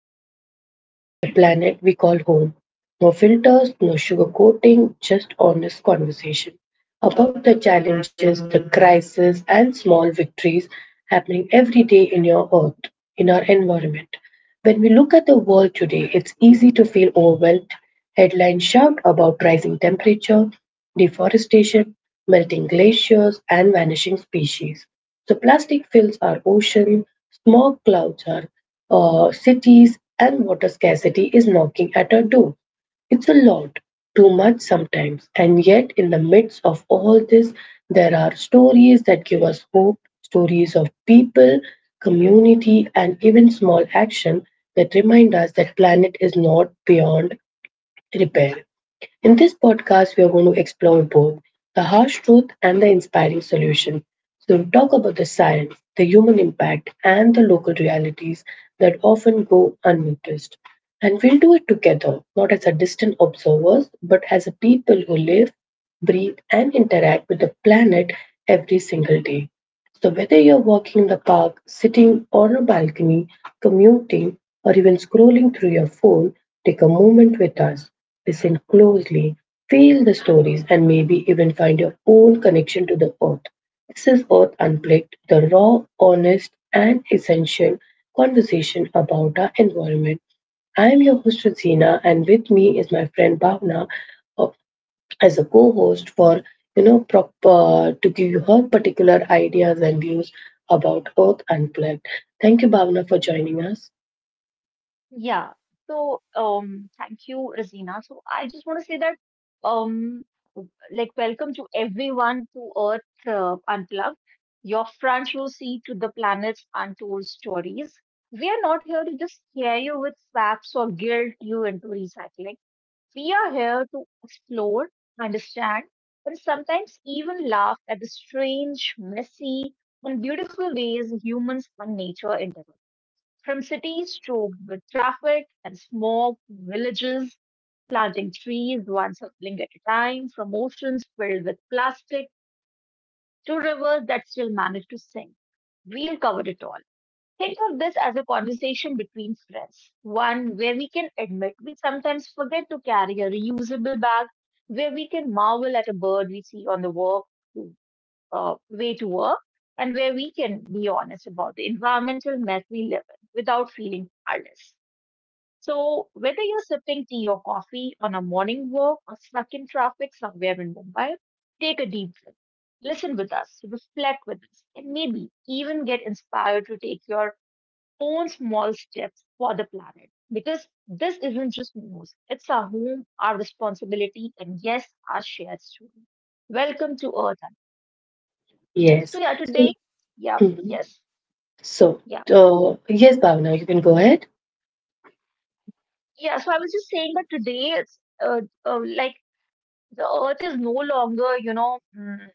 we get real about the planet we call home. No filters, no sugarcoating, just honest conversation about the challenges, the crises, and small victories happening every day in your Earth, in our environment. When we look at the world today, it's easy to feel overwhelmed. Headlines shout about rising temperature, deforestation, melting glaciers, and vanishing species. So, plastic fills our ocean, smog clouds our cities, and water scarcity is knocking at our door. It's a lot, too much sometimes, and yet in the midst of all this, there are stories that give us hope, stories of people, community, and even small action that remind us that planet is not beyond repair. In this podcast, we are going to explore both the harsh truth and the inspiring solution. So, we'll talk about the science, the human impact, and the local realities that often go unnoticed. And we'll do it together, not as a distant observers, but as a people who live, breathe, and interact with the planet every single day. So, whether you're walking in the park, sitting on a balcony, commuting, or even scrolling through your phone, take a moment with us. Listen closely, feel the stories, and maybe even find your own connection to the earth. This is Earth Unplugged, the raw, honest, and essential conversation about our environment. I am your host, Rosina, and with me is my friend Bhavna uh, as a co-host for you know prop to give you her particular ideas and views about Earth Unplugged. Thank you, Bhavna, for joining us. Yeah. Thank you, Razina. So, I just want to say that, um, welcome to everyone to Earth Unplugged, your front row seat to the planet's untold stories. We are not here to just scare you with facts or guilt you into recycling. We are here to explore, understand, and sometimes even laugh at the strange, messy, and beautiful ways humans and nature interact. From cities choked with traffic and smog to villages planting trees one sapling at a time, from oceans filled with plastic to rivers that still manage to sink. We'll cover it all. Think of this as a conversation between friends, one where we can admit we sometimes forget to carry a reusable bag, where we can marvel at a bird we see on the walk way to work, and where we can be honest about the environmental mess we live in without feeling powerless. So, whether you're sipping tea or coffee on a morning walk or stuck in traffic somewhere in Mumbai, take a deep breath. Listen with us, reflect with us, and maybe even get inspired to take your own small steps for the planet. Because this isn't just news, it's our home, our responsibility, and yes, our shared story. Welcome to Earth. So, Yes. yeah, today, So, yeah, mhm. yes, so yeah, yes, Bhavna, you can go ahead. yeah. So, I was just saying that today it's like the earth is no longer,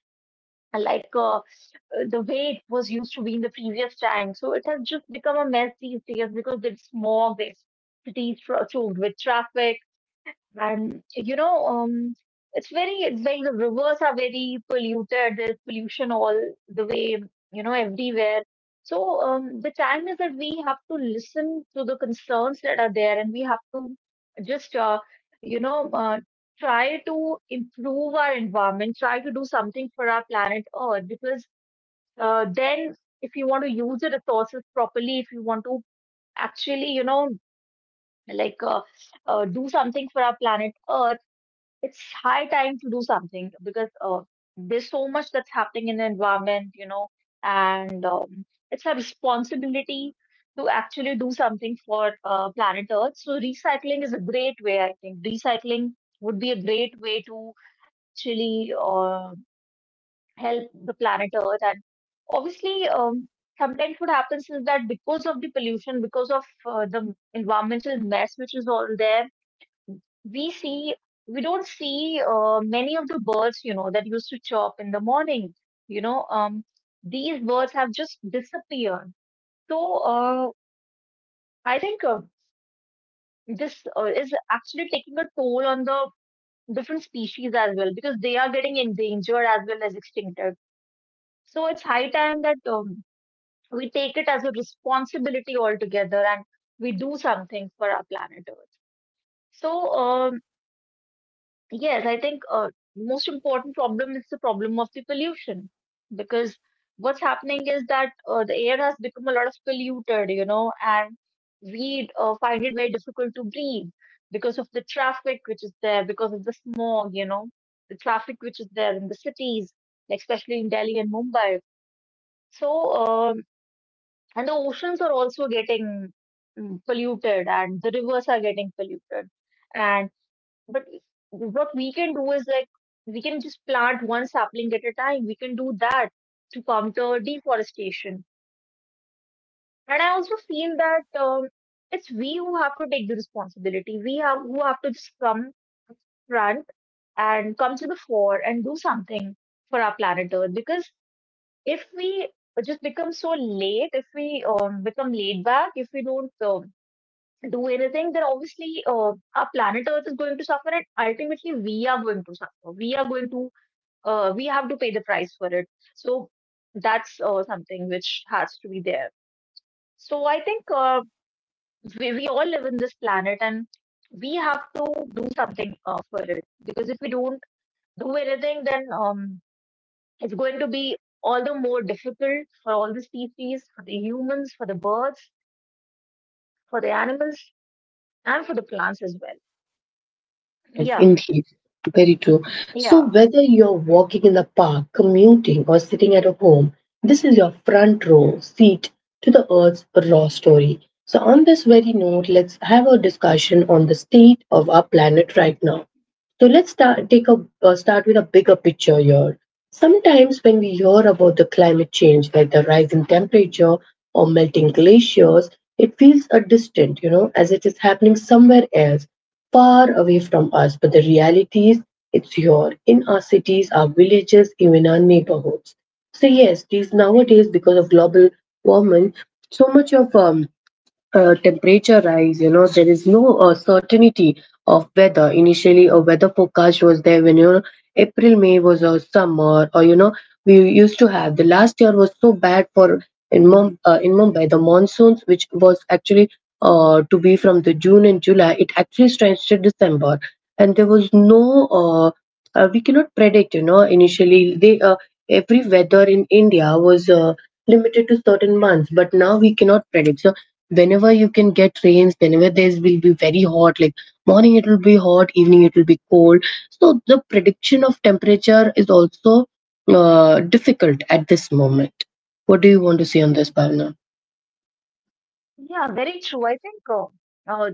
like uh, uh, the way it was used to be in the previous time. So it has just become a mess these days because it's smog, there's cities choked with traffic. And you know, it's like the rivers are very polluted. There's pollution all the way, you know, everywhere. So the time is that we have to listen to the concerns that are there, and we have to just, you know, uh, try to improve our environment, try to do something for our planet Earth, because then if you want to use the resources properly, if you want to actually, like uh, do something for our planet Earth, it's high time to do something because there's so much that's happening in the environment, you know, and it's a responsibility to actually do something for planet Earth. So recycling is a great way, I think. Recycling would be a great way to actually help the planet Earth. And obviously, sometimes what happens is that because of the pollution, because of the environmental mess which is all there, we see we don't see many of the birds, you know, that used to chirp in the morning, you know, these birds have just disappeared. So uh, i think uh, this is actually taking a toll on the different species as well because they are getting endangered as well as extincted. So it's high time that we take it as a responsibility altogether and we do something for our planet earth so um, Yes, I think most important problem is the problem of the pollution, because what's happening is that the air has become a lot of polluted, you know, and we find it very difficult to breathe because of the traffic which is there, because of the smog, you know, the traffic which is there in the cities, like especially in Delhi and Mumbai. So, um, and the oceans are also getting polluted, and the rivers are getting polluted. And. But what we can do is, like, we can just plant one sapling at a time. We can do that to counter deforestation. And I also feel that it's we who have to take the responsibility. We have who have to just come front and come to the fore and do something for our planet Earth. Because if we just become so late, if we become laid back, if we don't do anything, then obviously our planet Earth is going to suffer, and ultimately we are going to suffer. We have to pay the price for it. So that's something which has to be there. So I think we all live in this planet, and we have to do something for it, because if we don't do anything, then it's going to be all the more difficult for all the species, for the humans, for the birds, for the animals, and for the plants as well. Yes, Yeah, indeed. Very true. So, yeah. whether you're walking in the park, commuting, or sitting at a home, this is your front row seat to the Earth's raw story. So, on this very note, let's have a discussion on the state of our planet right now. So, take a start with a bigger picture here. Sometimes, when we hear about the climate change, like the rising temperature or melting glaciers, it feels a distant, you know, as it is happening somewhere else, far away from us. But the reality is, it's here in our cities, our villages, even our neighborhoods. So, yes, these nowadays, because of global warming, so much of temperature rise, you know, there is no certainty of weather. Initially, a weather forecast was there when, you know, April, May was a summer, or you know, we used to have, the last year was so bad for, in Mum in Mumbai, the monsoons which was actually to be from the June and July, it actually stretched to December. And there was no uh, we cannot predict, you know. Initially, they every weather in India was limited to certain months, but now we cannot predict. So whenever you can get rains, whenever there will be very hot, like morning it will be hot, evening it will be cold. So the prediction of temperature is also difficult at this moment. What do you want to say on this, Bhavna? Yeah, very true. I think uh,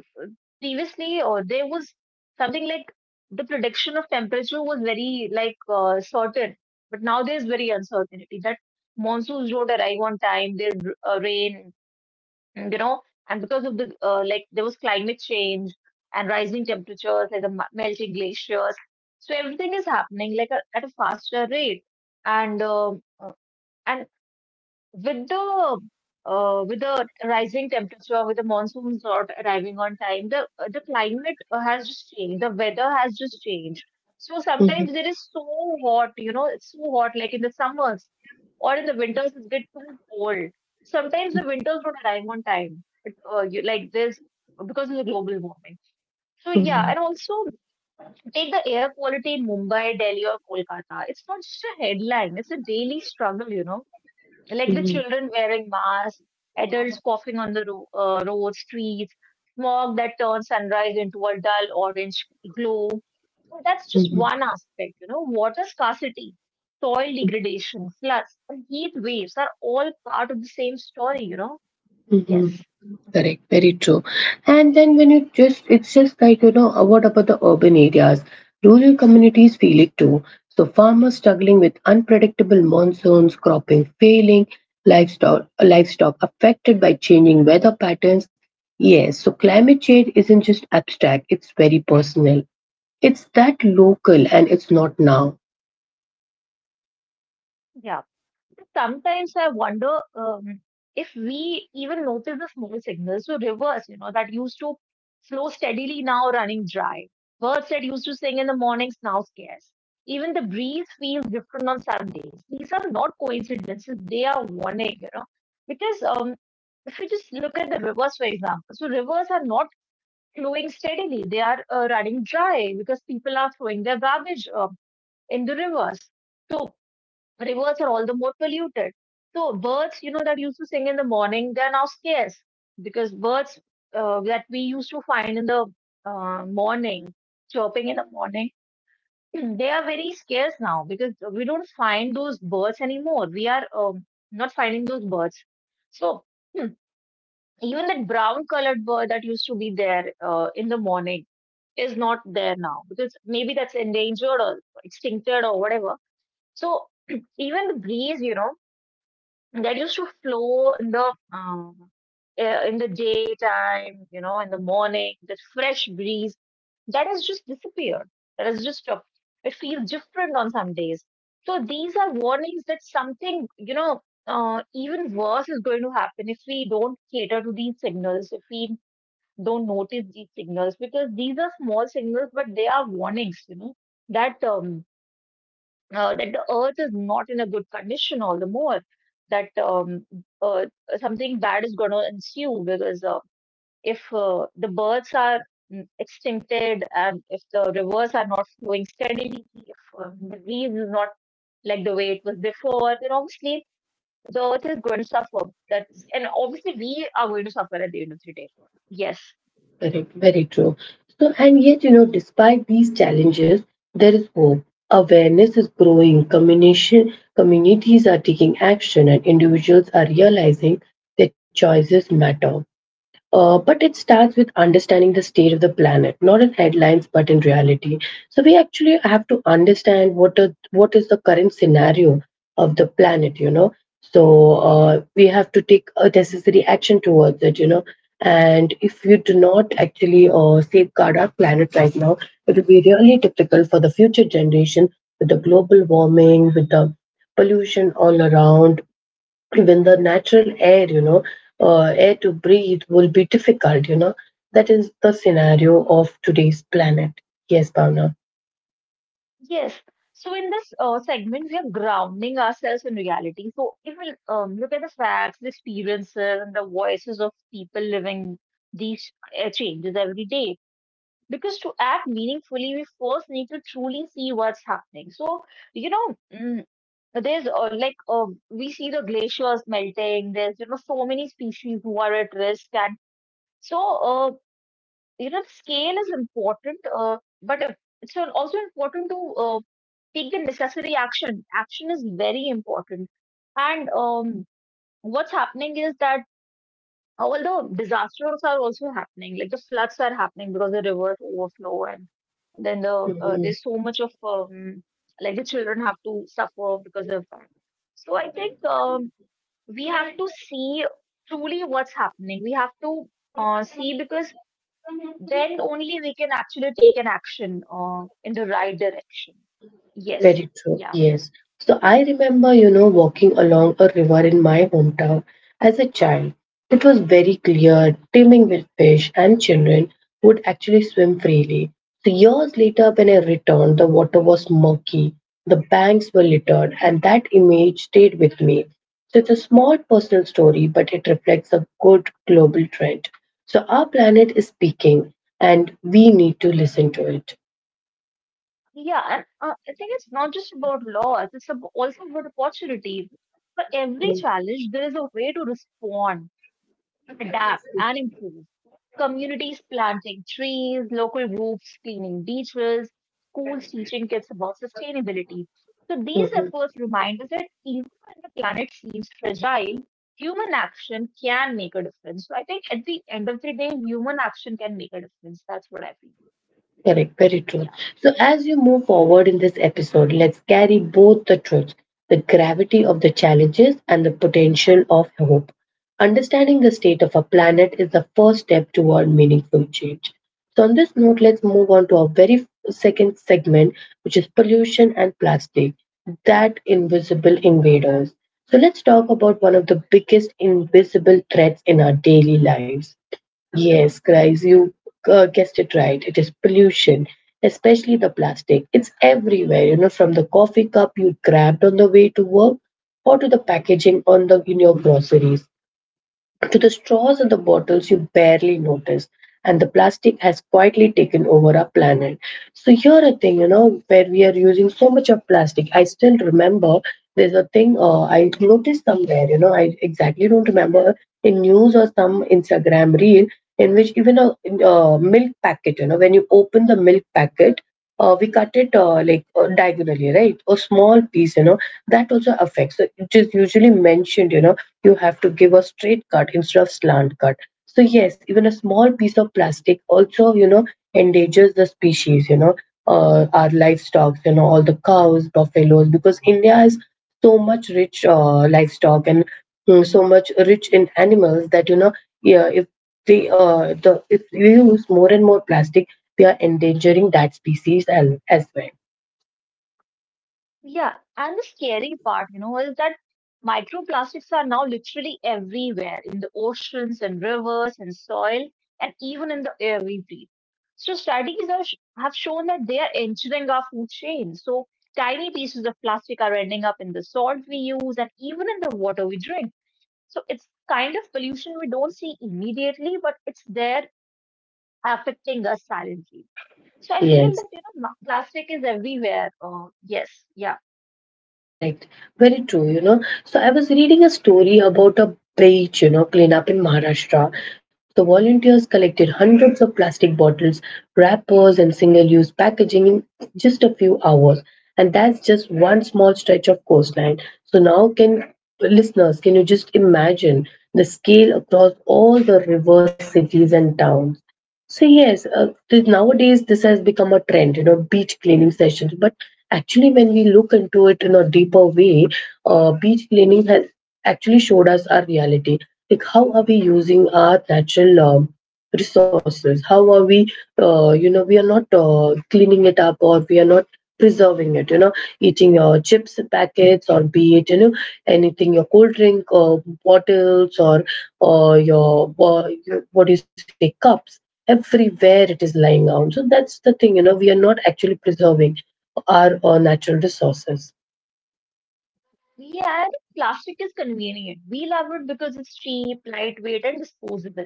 previously there was something like the prediction of temperature was very, like, certain, but now there's very uncertainty that monsoons don't arrive on time, there's rain, you know, and because of the like there was climate change and rising temperatures, like the melting glaciers, so everything is happening like, a, at a faster rate, and um, uh, and with the with the rising temperature, with the monsoons not arriving on time, the climate has just changed. The weather has just changed. So hmm sometimes it is so hot, you know, it's so hot. Like in the summers or in the winters, it gets too cold. Sometimes the winters don't arrive on time. It, you, like this because of the global warming. So yeah, and hmm also take the air quality in Mumbai, Delhi, or Kolkata. It's not just a headline; it's a daily struggle, you know, like the hmm children wearing masks, adults coughing on the road, streets, smog that turns sunrise into a dull orange glow. And that's just hmm one aspect, you know. Water scarcity, soil degradation, floods, and heat waves are all part of the same story, you know. hmm Yes. Correct, very true. And then when you just, it's just like, you know, what about the urban areas? Rural communities feel it too. So farmers struggling with unpredictable monsoons, cropping failing, livestock affected by changing weather patterns. Yes, so climate change isn't just abstract, it's very personal. It's that local and it's not now. Yeah. Sometimes I wonder, if we even notice the small signals. So rivers, you know, that used to flow steadily now running dry. Birds that used to sing in the mornings now scarce. Even the breeze feels different on some days. These are not coincidences; they are warning, you know. Because just look at the rivers for example. So rivers are not flowing steadily; they are running dry because people are throwing their garbage in the rivers. So rivers are all the more polluted. So birds, you know, that used to sing in the morning, they're now scarce because birds that we used to find in the morning, chirping in the morning, they are very scarce now because we don't find those birds anymore. We are not finding those birds. So, hmm, even that brown colored bird that used to be there in the morning is not there now because maybe that's endangered or extincted or whatever. So even the breeze, you know, that used to flow in the daytime, you know, in the morning, that fresh breeze, that has just disappeared. That has just dropped. It feels different on some days. So these are warnings that something, you know, even worse is going to happen if we don't cater to these signals, if we don't notice these signals, because these are small signals, but they are warnings, you know, that that the earth is not in a good condition all the more, that uh, something bad is going to ensue, because if the birds are extincted and if the rivers are not flowing steadily, if the breeze is not like the way it was before, then obviously the earth is going to suffer, that's, and obviously we are going to suffer at the end of the day. Yes. Correct, very true. So, and yet, you know, despite these challenges, there is hope. Awareness is growing, communities are taking action, and individuals are realizing their choices matter. But it starts with understanding the state of the planet, not in headlines, but in reality. So we actually have to understand what is the current scenario of the planet, you know. So we have to take a necessary action towards it, you know. And if we do not actually safeguard our planet right now, it will be really difficult for the future generation with the global warming, with the pollution all around, even the natural air, you know, air to breathe will be difficult, you know. That is the scenario of today's planet. Yes, Bhavna. Yes. So in this segment, we are grounding ourselves in reality. So if we look at the facts, the experiences, and the voices of people living these changes every day, because to act meaningfully, we first need to truly see what's happening. So, you know, mm, there's we see the glaciers melting. There's, you know, so many species who are at risk, and so you know, the scale is important, but it's also important to take the necessary action. Action is very important. And what's happening is that all the disasters are also happening, like the floods are happening because the rivers overflow, and then Mm-hmm. there's so much of like the children have to suffer because of that. So I think we have to see truly what's happening. We have to see, because then only we can actually take an action in the right direction. Yes. Very true, Yeah. yes. So I remember, you know, walking along a river in my hometown as a child. It was very clear, teeming with fish, and children would actually swim freely. So years later, when I returned, the water was murky, the banks were littered, and that image stayed with me. So it's a small personal story, but it reflects a good global trend. So our planet is speaking, and we need to listen to it. Yeah, and I think it's not just about laws, it's also about opportunity. For every challenge, there is a way to respond, adapt, and improve. Communities planting trees, local groups cleaning beaches, schools teaching kids about sustainability. So these Mhm. efforts remind us that even when the planet seems fragile, human action can make a difference. So I think at the end of the day, human action can make a difference. That's what I feel. Correct, very true. Yeah. So, as you move forward in this episode, let's carry both the truths, the gravity of the challenges and the potential of hope. Understanding the state of a planet is the first step toward meaningful change. So, on this note, let's move on to our very second segment, which is pollution and plastic, that invisible invaders. So, let's talk about one of the biggest invisible threats in our daily lives. Yes, Chris, you guessed it right. It is pollution, especially the plastic. It's everywhere, you know, from the coffee cup you grabbed on the way to work, or to the packaging on the in your groceries. To the straws in the bottles you barely notice, and the plastic has quietly taken over our planet. So here a thing, you know, where we are using so much of plastic. I still remember there's a thing I noticed somewhere, you know, I exactly don't remember, in news or some Instagram reel, in which even a, uh, milk packet, you know, when you open the milk packet, we cut it like diagonally, right? A small piece, you know, that also affects. So it is usually mentioned, you know, you have to give a straight cut instead of slant cut. So yes, even a small piece of plastic also, you know, endangers the species, you know, our livestock, you know, all the cows, buffaloes, because India is so much rich livestock and mm, so much rich in animals that, you know, yeah, if they the if we use more and more plastic, we are endangering that species and as well. Yeah, and the scary part, is that microplastics are now literally everywhere in the oceans and rivers and soil and even in the air we breathe. So studies are, have shown that they are entering our food chain. So tiny pieces of plastic are ending up in the salt we use and even in the water we drink. So it's kind of pollution we don't see immediately, but it's there affecting us silently. So I feel Yes. that, plastic is everywhere. Yes, yeah. Correct. Very true, you know. So I was reading a story about a beach, you know, cleanup in Maharashtra. The volunteers collected hundreds of plastic bottles, wrappers, and single-use packaging in just a few hours. And that's just one small stretch of coastline. So now can listeners, can you just imagine the scale across all the river cities and towns? So yes, nowadays this has become a trend, you know, beach cleaning sessions. But actually, when we look into it in a deeper way, beach cleaning has actually showed us our reality. Like, how are we using our natural resources? How are we, you know, we are not cleaning it up, or we are not preserving it. You know, eating your chips packets or be it, you know, anything, your cold drink or bottles or your what do you say, cups, everywhere it is lying around. So that's the thing, you know, we are not actually preserving our, uh, natural resources. Yeah, I plastic is convenient. We love it because it's cheap, lightweight, and disposable.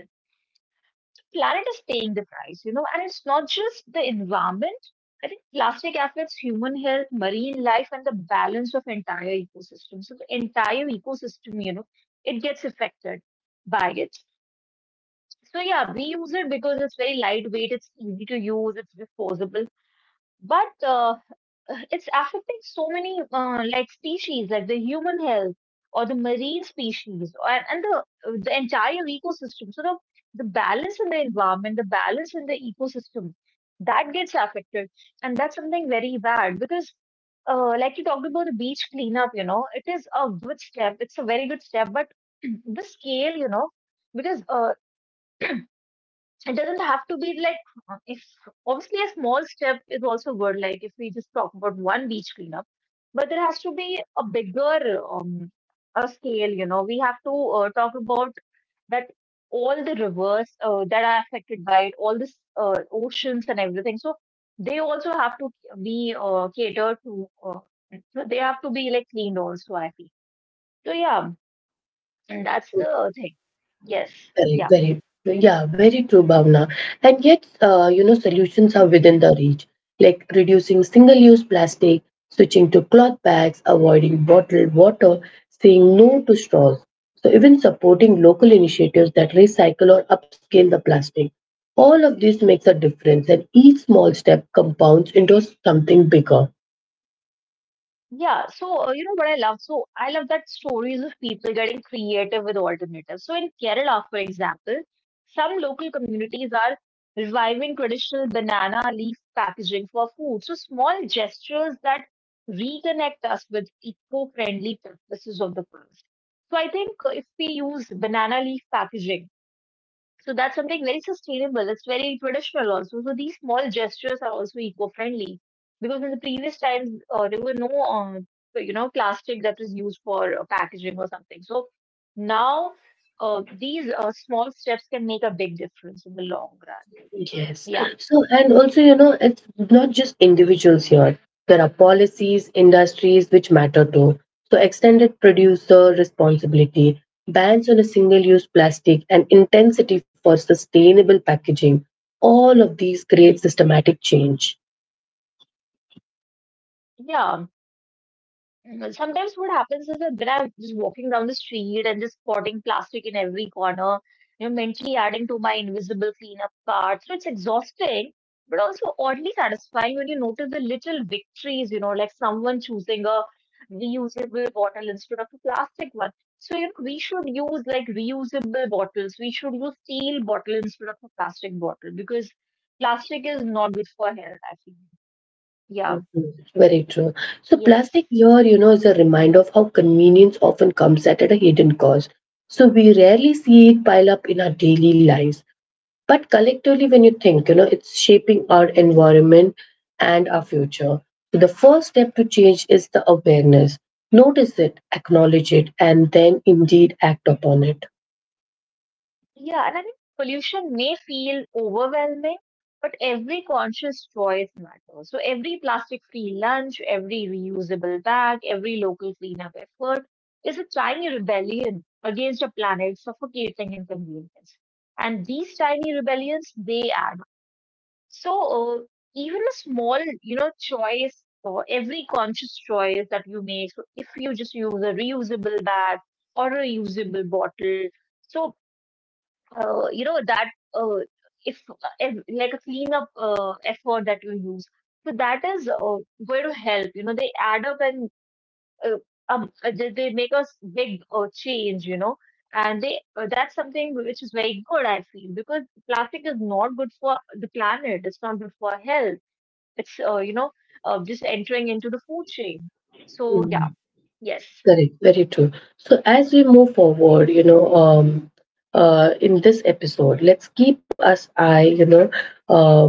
Planet is paying the price, and it's not just the environment. I think plastic affects human health, marine life, and the balance of entire ecosystem. So the entire ecosystem, it gets affected by it. So yeah, we use it because it's very lightweight, it's easy to use, it's disposable. But it's affecting so many like species, like the human health or the marine species, or and the entire ecosystem. So the balance in the environment, the balance in the ecosystem, that gets affected, and that's something very bad because. Like you talked about the beach cleanup, it is a good step. It's a very good step, but the scale, because it doesn't have to be like if obviously a small step is also good, like if we just talk about one beach cleanup, but there has to be a bigger a scale. You know, we have to talk about that all the rivers that are affected by it, all this oceans and everything, so they also have to be catered to, so they have to be like cleaned also, I feel. So yeah, and that's the thing. Yes. Very, Yeah. very, yeah, very true, Bhavna. And yet, you know, solutions are within the reach, like reducing single use plastic, switching to cloth bags, avoiding bottled water, saying no to straws. So, even supporting local initiatives that recycle or upscale the plastic. All of this makes a difference, and each small step compounds into something bigger. Yeah, so you know what I love? So I love that stories of people getting creative with alternatives. So in Kerala, for example, some local communities are reviving traditional banana leaf packaging for food. So small gestures that reconnect us with eco-friendly practices of the past. So I think if we use banana leaf packaging, so that's something very sustainable. It's very traditional also. So these small gestures are also eco-friendly because in the previous times there were no, plastic that was used for packaging or something. So now these small steps can make a big difference in the long run. Yes. Yeah, So, and also, you know, it's not just individuals here. There are policies, industries which matter too. So, extended producer responsibility, bans on a single use plastic, and intensity for sustainable packaging. All of these create systematic change. yeah. Mhm. Sometimes what happens is that when I'm just walking down the street and just spotting plastic in every corner, mentally adding to my invisible cleanup cart. So it's exhausting, but also oddly satisfying when you notice the little victories, like someone choosing a reusable bottle instead of a plastic one. So, we should use like reusable bottles. We should use steel bottle instead of a plastic bottle because plastic is not good for health, actually. Yeah. Mhm. Very true. So, Yes. plastic here, you know, is a reminder of how convenience often comes at a hidden cost. So, we rarely see it pile up in our daily lives. But collectively, when you think, you know, it's shaping our environment and our future. So the first step to change is the awareness. Notice it, acknowledge it, and then indeed act upon it. Yeah, and I think pollution may feel overwhelming, but every conscious choice matters. So every plastic-free lunch, every reusable bag, every local cleanup effort is a tiny rebellion against a planet suffocating in convenience. And these tiny rebellions, they add up. So even a small, choice or every conscious choice that you make, so if you just use a reusable bag or a reusable bottle, so that uh, if, if like a cleanup effort that you use, so that is going to help. You know, they add up, and uh, they make us big change, you know, and they that's something which is very good, I feel, because plastic is not good for the planet, it's not good for health, it's just entering into the food chain. So yeah. Mm, Yes. correct, very true. So as we move forward, you know, in this episode, let's keep us eye, you know, um,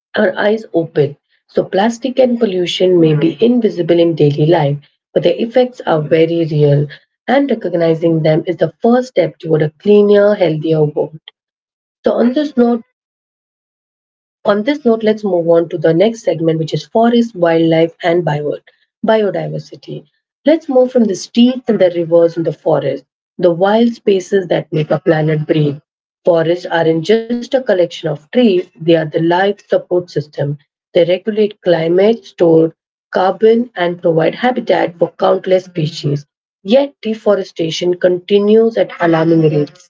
our eyes open. So, plastic and pollution may be invisible in daily life, but their effects are very real, and recognizing them is the first step toward a cleaner, healthier world. So, on this note, let's move on to the next segment, which is forest, wildlife, and biodiversity. Let's move from the streets and the rivers and the forest, the wild spaces that make our planet breathe. Forests aren't just a collection of trees, they are the life support system. They regulate climate, store carbon, and provide habitat for countless species. Yet, deforestation continues at alarming rates.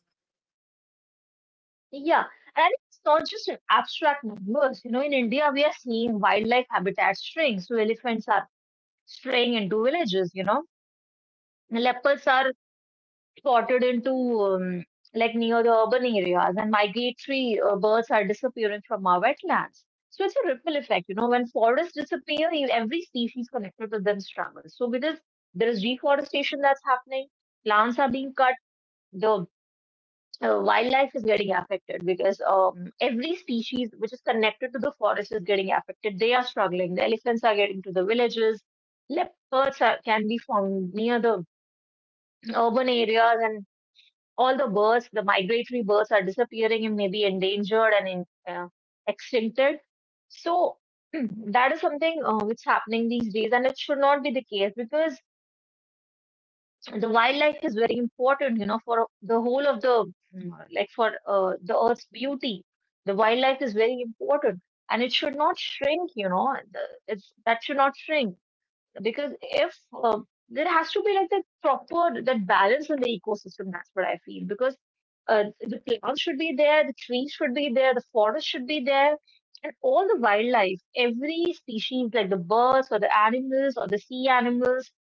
Yeah, and I think it's not just in abstract numbers. You know, in India, we are seeing wildlife habitats shrink. So elephants are straying into villages, you know. The Leopards are spotted into um, like near the urban areas, and migratory birds are disappearing from our wetlands. So it's a ripple effect, you know. When forests disappear, every species connected to them struggles. So because there is deforestation that's happening, plants are being cut, the wildlife is getting affected because every species which is connected to the forest is getting affected. They are struggling. The elephants are getting to the villages. Leopards are, can be found near the urban areas, and all the birds, the migratory birds, are disappearing and maybe endangered and in, extincted. So that is something which happening these days, and it should not be the case because so, the wildlife is very important, you know, for the whole of the like for the earth's beauty, the wildlife is very important, and it should not shrink. You know, it's that should not shrink because if uh, there has to be like that proper that balance in the ecosystem, that's what I feel, because the plants should be there, the trees should be there, the forest should be there, and all the wildlife, every species like the birds or the animals or the sea animals,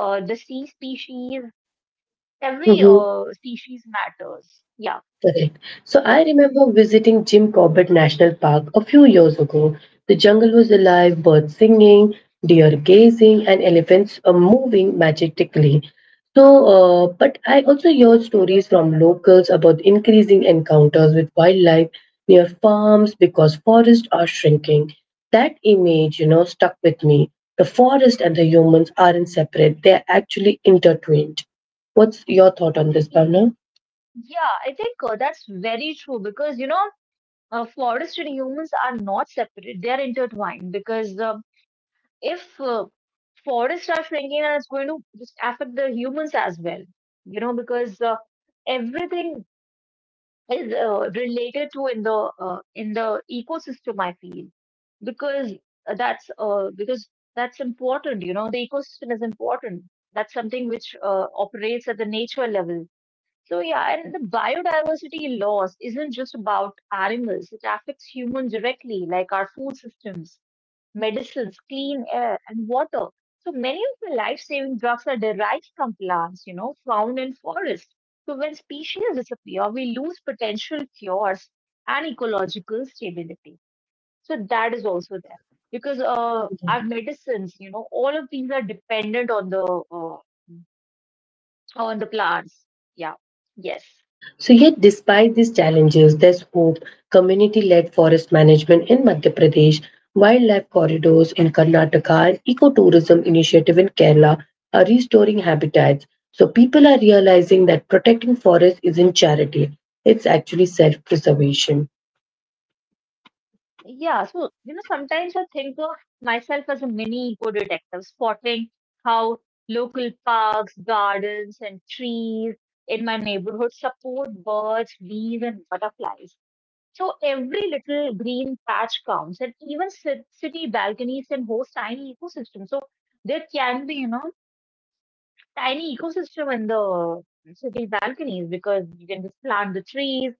the sea species, every species matters. Yeah, Correct. So I yeah. remember visiting Jim Corbett National Park a few years ago. The jungle was alive, birds singing, deer gazing, and elephants moving majestically. So, but I also heard stories from locals about increasing encounters with wildlife near farms because forests are shrinking. That image, you know, stuck with me. The forest and the humans aren't separate; they're actually intertwined. What's your thought on this, Y- Bhavna? yeah. I think that's very true because, you know, forests and humans are not separate; they are intertwined. Because if forests are shrinking, and it's going to just affect the humans as well. You know, because everything is related to in the ecosystem, I feel, because that's because that's important. You know, the ecosystem is important. That's something which operates at the nature level. So yeah, and the biodiversity loss isn't just about animals, it affects humans directly, like our food systems, medicines, clean air, and water. So many of the life-saving drugs are derived from plants, you know, found in forests. So when species disappear, we lose potential cures and ecological stability. So that is also there because our medicines, you know, all of these are dependent uh, on the plants. Yeah. Yes. So, yet, despite these challenges, there's hope. Community led forest management in Madhya Pradesh, wildlife corridors in Karnataka, and ecotourism initiative in Kerala are restoring habitats. So, people are realizing that protecting forests isn't charity, it's actually self preservation. Yeah, so you know, sometimes I think of myself as a mini eco detective, spotting how local parks, gardens, and trees in my neighborhood support birds, bees, and butterflies. So every little green patch counts, and even city balconies can host tiny ecosystems. So there can be, you know, tiny ecosystem in the city balconies because you can just plant the trees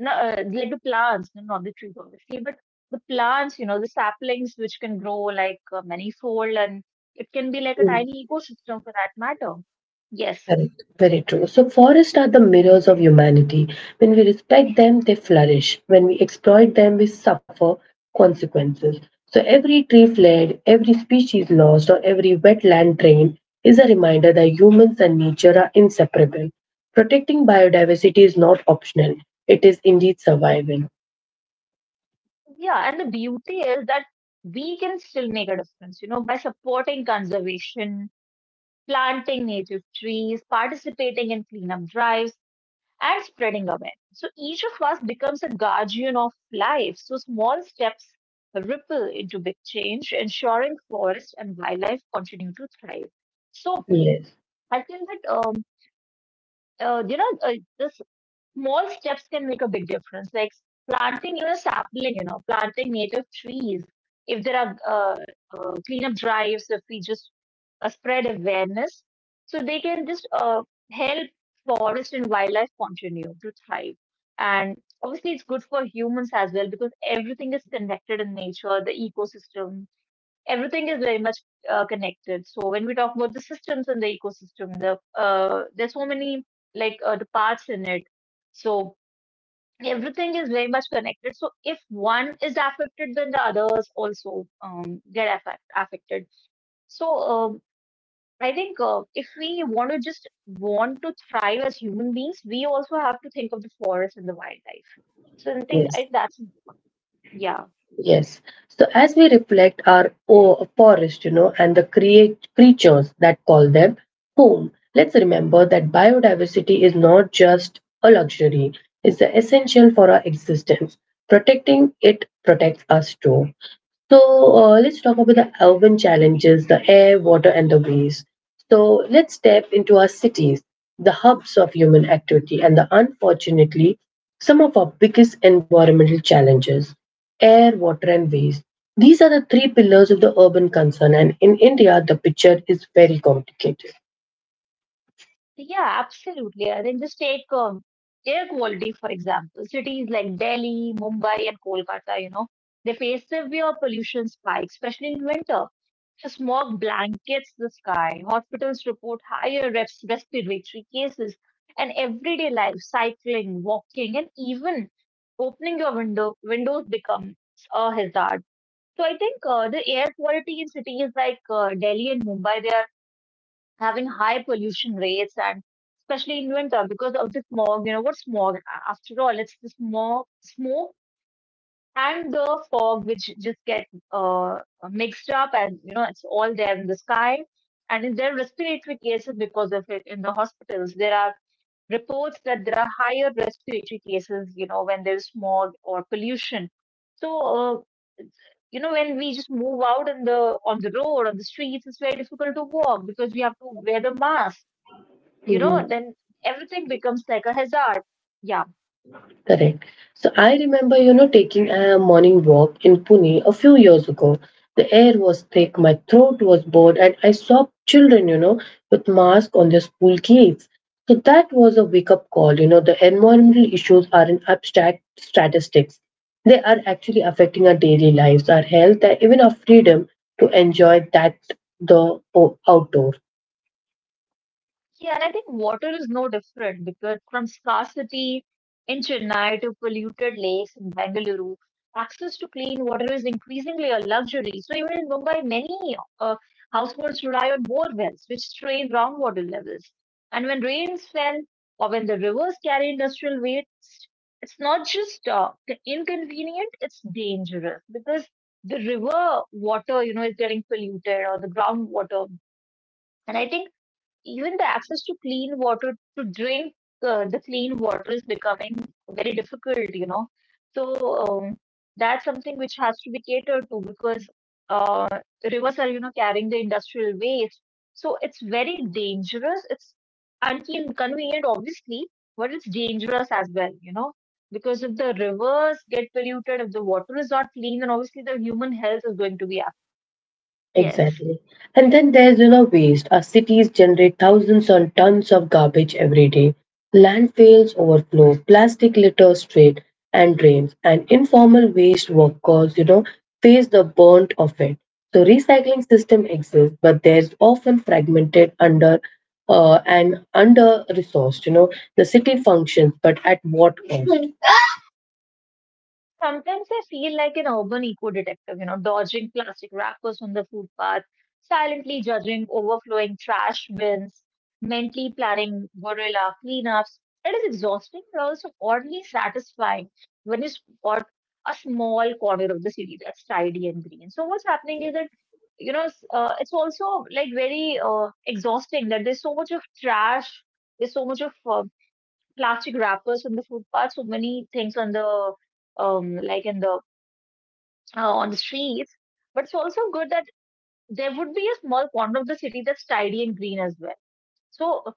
no, like the plants, no, not the trees, obviously, but the plants, you know, the saplings which can grow like manifold and it can be like a tiny ecosystem for that matter. Yes. Correct. Very true. So, forests are the mirrors of humanity. When we respect them, they flourish. When we exploit them, we suffer consequences. So, every tree flared, every species lost, or every wetland drained is a reminder that humans and nature are inseparable. Protecting biodiversity is not optional, it is indeed survival. Yeah. And the beauty is that we can still make a difference, you know, by supporting conservation, planting native trees, participating in cleanup drives, and spreading awareness. So each of us becomes a guardian of life. So small steps ripple into big change, ensuring forest and wildlife continue to thrive. So Yes, I think that uh, you know uh, this small steps can make a big difference. Like planting, you know, sapling, you know, planting native trees. If there are cleanup drives, if we just spread awareness, so they can just help forest and wildlife continue to thrive. And obviously, it's good for humans as well because everything is connected in nature, the ecosystem, everything is very much connected. So when we talk about the systems and the ecosystem, there's so many like the parts in it. So everything is very much connected. So if one is affected, then the others also get affected. So um, I think if we want to just want to thrive as human beings, we also have to think of the forest and the wildlife. So I think yes. I, that's yeah. Yes. So as we reflect our forest, you know, and the create creatures that call them home, let's remember that biodiversity is not just a luxury; it's the essential for our existence. Protecting it protects us too. So let's talk about the urban challenges, the air, water, and the waste. So let's step into our cities, the hubs of human activity, and the unfortunately, some of our biggest environmental challenges air, water, and waste. These are the three pillars of the urban concern, and in India, the picture is very complicated. Yeah, absolutely. And then just take air quality, for example. Cities like Delhi, Mumbai, and Kolkata, you know, they face severe pollution spikes, especially in winter. The smog blankets the sky. Hospitals report higher respiratory cases. And everyday life, cycling, walking, and even opening your window windows becomes a hazard. So I think the air quality in cities like Delhi and Mumbai, they are having high pollution rates, and especially in winter because of the smog. You know what smog? After all, it's the smog, smoke and the fog, which just get uh, mixed up, and you know, it's all there in the sky. And in their respiratory cases, because of it, in the hospitals there are reports that there are higher respiratory cases, you know, when there's smog or pollution. So you know, when we just move out in the on the road, on the streets, it's very difficult to walk because we have to wear the mask, you know, then everything becomes like a hazard. Yeah. Correct. So I remember, you know, taking a morning walk in Pune a few years ago. The air was thick, my throat was bored, and I saw children, you know, with masks on their school gates. So that was a wake up call. You know, the environmental issues are not abstract statistics. They are actually affecting our daily lives, our health, and even our freedom to enjoy that the outdoor. Yeah, and I think water is no different, because from scarcity in Chennai to polluted lakes in Bengaluru, access to clean water is increasingly a luxury. So even in Mumbai, many households rely on bore wells, which strain groundwater levels. And when rains fell or when the rivers carry industrial waste, it's not just inconvenient, it's dangerous, because the river water, you know, is getting polluted, or the groundwater. And I think even the access to clean water to drink, the clean water is becoming very difficult, you know. So um, that's something which has to be catered to, because uh, rivers are, you know, carrying the industrial waste. So it's very dangerous, it's inconvenient, obviously, but it's dangerous as well, you know, because if the rivers get polluted, if the water is not clean, then obviously the human health is going to be up. Yes. Exactly. And then there's, you know, waste. Our cities generate thousands on tons of garbage every day. Landfills overflow, plastic litter straight and drains, and informal waste workers, you know, face the burnt of it. So recycling system exists, but there's often fragmented under resourced, you know. The city functions, but at what cost? Sometimes I feel like an urban eco detective, you know, dodging plastic wrappers on the footpath, silently judging overflowing trash bins, mentally planning guerrilla cleanups. It is exhausting, but also oddly satisfying when you spot a small corner of the city that's tidy and green. So what's happening is that, you know, it's also like very exhausting that there's so much of trash, there's so much of plastic wrappers on the footpath, so many things on the like in the on the streets. But it's also good that there would be a small corner of the city that's tidy and green as well. So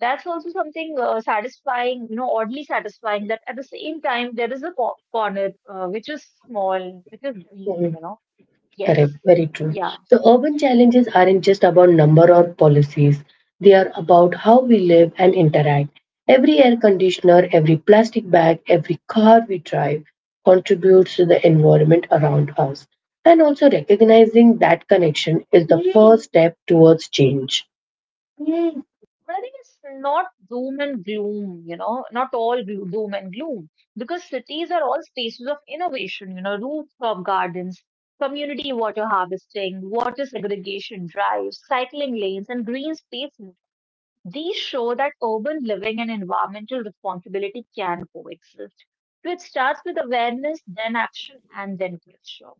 that's also something satisfying, you know, oddly satisfying that at the same time there is a co corner which is small, which is green, you know. Yes. Correct, very true. Yeah. So urban challenges aren't just about number or policies. They are about how we live and interact. Every air conditioner, every plastic bag, every car we drive contributes to the environment around us. And also recognizing that connection is the first step towards change. But I think it's not doom and gloom, you know, not all doom and gloom, because cities are all spaces of innovation, you know, rooftop gardens, community water harvesting, water segregation drives, cycling lanes, and green spaces. These show that urban living and environmental responsibility can coexist. So it starts with awareness, then action, and then culture.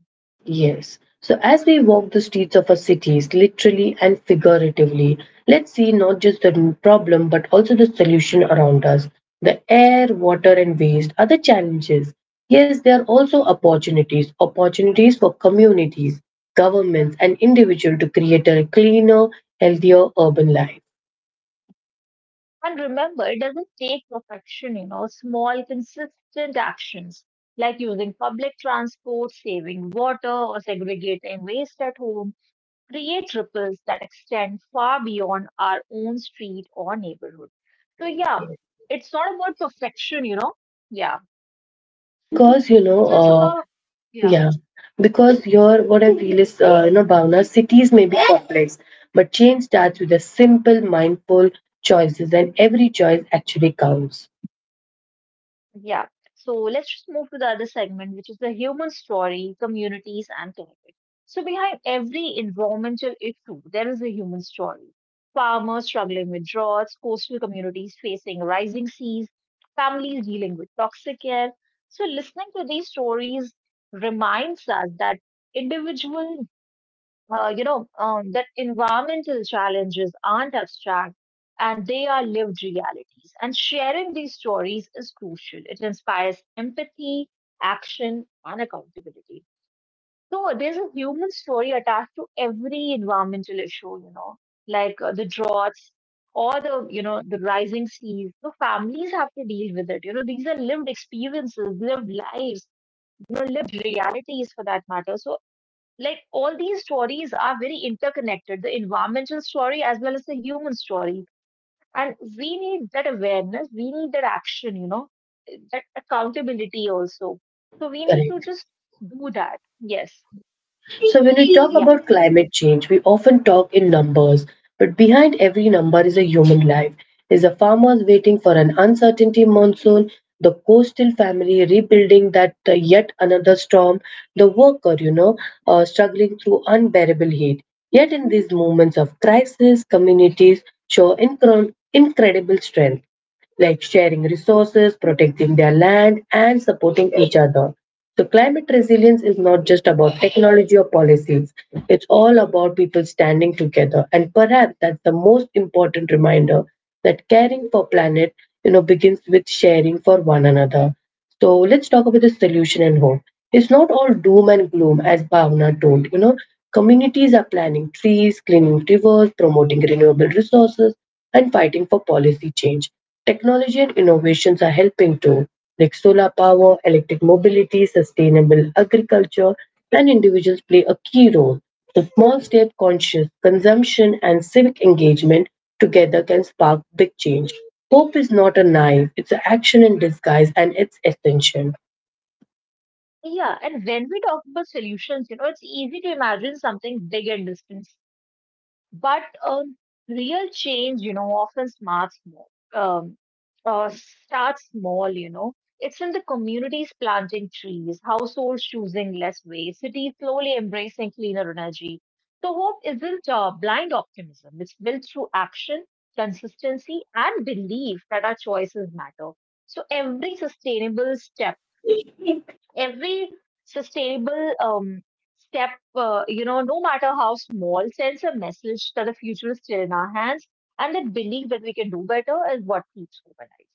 Yes. So, as we walk the streets of our cities, literally and figuratively, let's see not just the root problem but also the solution around us. The air, water, and waste are the challenges. Yes, they are also opportunities for communities, governments, and individuals to create a cleaner, healthier urban life. And remember, it doesn't take perfection, you know, small, consistent actions like using public transport, saving water, or segregating waste at home create ripples that extend far beyond our own street or neighborhood. So, yeah, it's not about perfection, you know. Yeah. Because, you know, So, it's uh, about, yeah. Yeah, because your what I feel is, you know, Bhavna, cities may be complex, but change starts with the simple, mindful choices, and every choice actually counts. Yeah. So let's just move to the other segment, which is the human story, communities, and climate. So behind every environmental issue, there is a human story. Farmers struggling with droughts, coastal communities facing rising seas, families dealing with toxic air. So listening to these stories reminds us that individual that environmental challenges aren't abstract, and they are lived realities. And sharing these stories is crucial. It inspires empathy, action, and accountability. So there's a human story attached to every environmental issue, you know, like the droughts, or the, you know, the rising seas. So families have to deal with it. You know, these are lived experiences, lived lives, you know, lived realities for that matter. So like all these stories are very interconnected, the environmental story as well as the human story, and we need that awareness, we need that action, you know, that accountability also. So we need to Correct. just do that. Yes. So, when we talk Yeah. about climate change, we often talk in numbers, but behind every number is a human life, is a farmer's waiting for an uncertainty monsoon, the coastal family rebuilding that yet another storm, the worker, you know, struggling through unbearable heat. Yet in these moments of crisis, communities show incredible strength like sharing resources, protecting their land, and supporting each other. So, climate resilience is not just about technology or policies, it's all about people standing together. And perhaps that's the most important reminder that caring for planet, you know, begins with sharing for one another. So let's talk about the solution and hope. It's not all doom and gloom, as Bhavna told, you know. Communities are planting trees, cleaning rivers, promoting renewable resources, and fighting for policy change. Technology and innovations are helping too, like solar power, electric mobility, sustainable agriculture, and individuals play a key role. The small step conscious consumption and civic engagement together can spark big change. Hope is not a knife, it's an action in disguise and it's essential. Yeah, and when we talk about solutions, you know, it's easy to imagine something big and distant. But real change, you know, often um, starts small, you know. It's in the communities planting trees, households choosing less waste, cities slowly embracing cleaner energy. So hope isn't blind optimism. It's built through action, consistency, and belief that our choices matter. So every sustainable step, every sustainable um, step, you know, no matter how small, sends a message that the future is still in our hands, and that belief that we can do better is what keeps hope alive.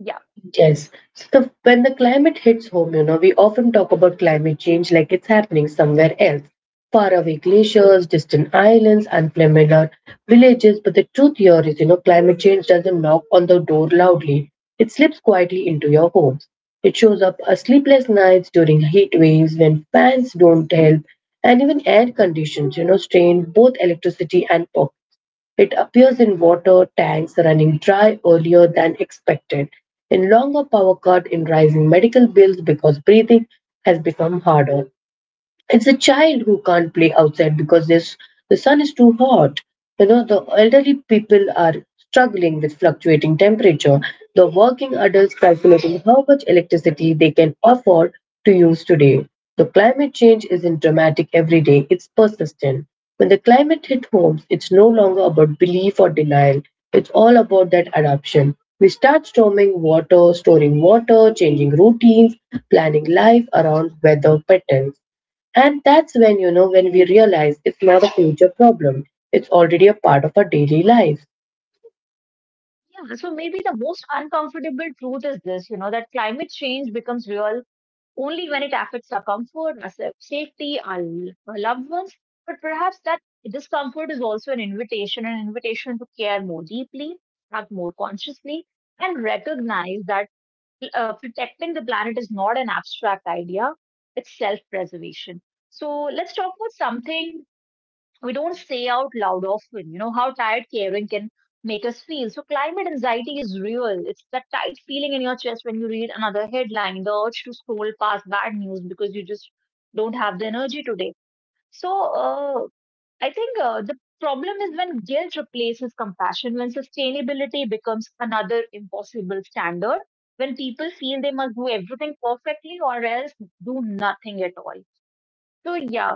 Yeah. Yes. So when the climate hits home, you know, we often talk about climate change like it's happening somewhere else. Faraway glaciers, distant islands, unfamiliar villages. But the truth here is, you know, climate change doesn't knock on the door loudly. It slips quietly into your homes. It shows up as sleepless nights during heat waves when fans don't help, and even air conditions, you know, strain both electricity and power. It appears in water tanks running dry earlier than expected, in longer power cut, in rising medical bills because breathing has become harder. It's a child who can't play outside because this, the sun is too hot. You know, the elderly people are struggling with fluctuating temperature. The working adults calculating how much electricity they can afford to use today. The climate change isn't dramatic every day, it's persistent. When the climate hit homes, it's no longer about belief or denial. It's all about that adaptation. We start storing water, changing routines, planning life around weather patterns. And that's when, you know, when we realize it's not a future problem, it's already a part of our daily life. Yeah. So maybe the most uncomfortable truth is this, you know, that climate change becomes real only when it affects our comfort, our safety, our loved ones. But perhaps that discomfort is also an invitation to care more deeply, act more consciously, and recognize that protecting the planet is not an abstract idea, it's self preservation. So let's talk about something we don't say out loud often, you know, how tired caring can make us feel. So climate anxiety is real. It's that tight feeling in your chest when you read another headline, the urge to scroll past bad news because you just don't have the energy today. So I think the problem is when guilt replaces compassion, when sustainability becomes another impossible standard, when people feel they must do everything perfectly or else do nothing at all. So, yeah,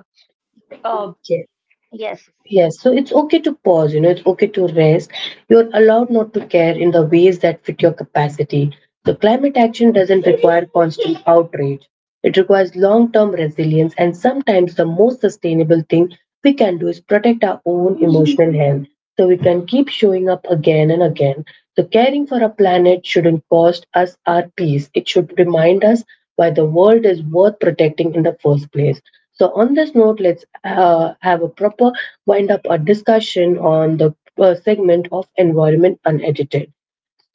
uh, Yes. yes, Yes, so it's okay to pause, you know, it's okay to rest. You're allowed not to care in the ways that fit your capacity. So, climate action doesn't require constant outrage, it requires long term resilience. And sometimes the most sustainable thing we can do is protect our own emotional health so we can keep showing up again and again. So, caring for our planet shouldn't cost us our peace, it should remind us why the world is worth protecting in the first place. So, on this note, let's have a proper wind up our discussion on the segment of Environment Unedited.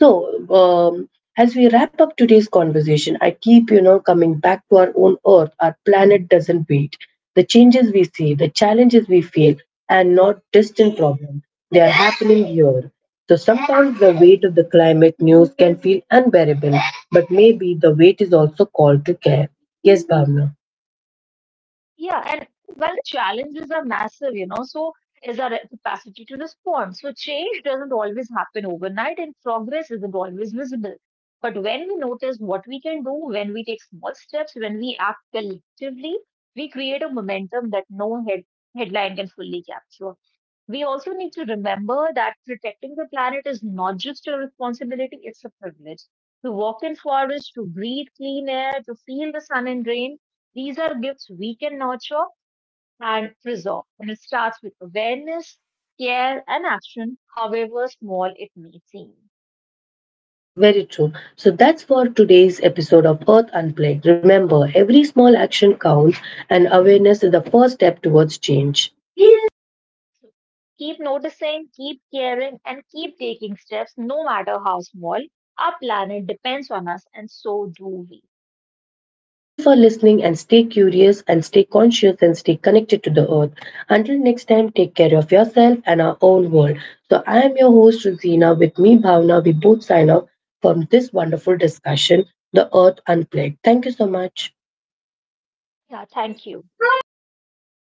So, um, as we wrap up today's conversation, I keep, you know, coming back to our own Earth. Our planet doesn't wait. The changes we see, the challenges we feel, and not distant problems, they are happening here. So sometimes the weight of the climate news can feel unbearable, but maybe the weight is also called to care. Yes, Bhavna. Yeah, and well, the challenges are massive, you know, so is our capacity to respond. So change doesn't always happen overnight, and progress isn't always visible. But when we notice what we can do, when we take small steps, when we act collectively, we create a momentum that no headline can fully capture. We also need to remember that protecting the planet is not just a responsibility, it's a privilege. To walk in forests, to breathe clean air, to feel the sun and rain, these are gifts we can nurture and preserve. And it starts with awareness, care, and action, however small it may seem. Yes, very true. So that's for today's episode of Earth Unplugged. Remember, every small action counts, and awareness is the first step towards change. Keep noticing, keep caring, and keep taking steps, no matter how small. Our planet depends on us, and so do we. Thank you for listening and stay curious and stay conscious and stay connected to the earth. Until next time, take care of yourself and our own world. So, I am your host, Rosina. With me, Bhavna. We both sign off from this wonderful discussion, The Earth Unplugged. Thank you so much. Yeah, thank you.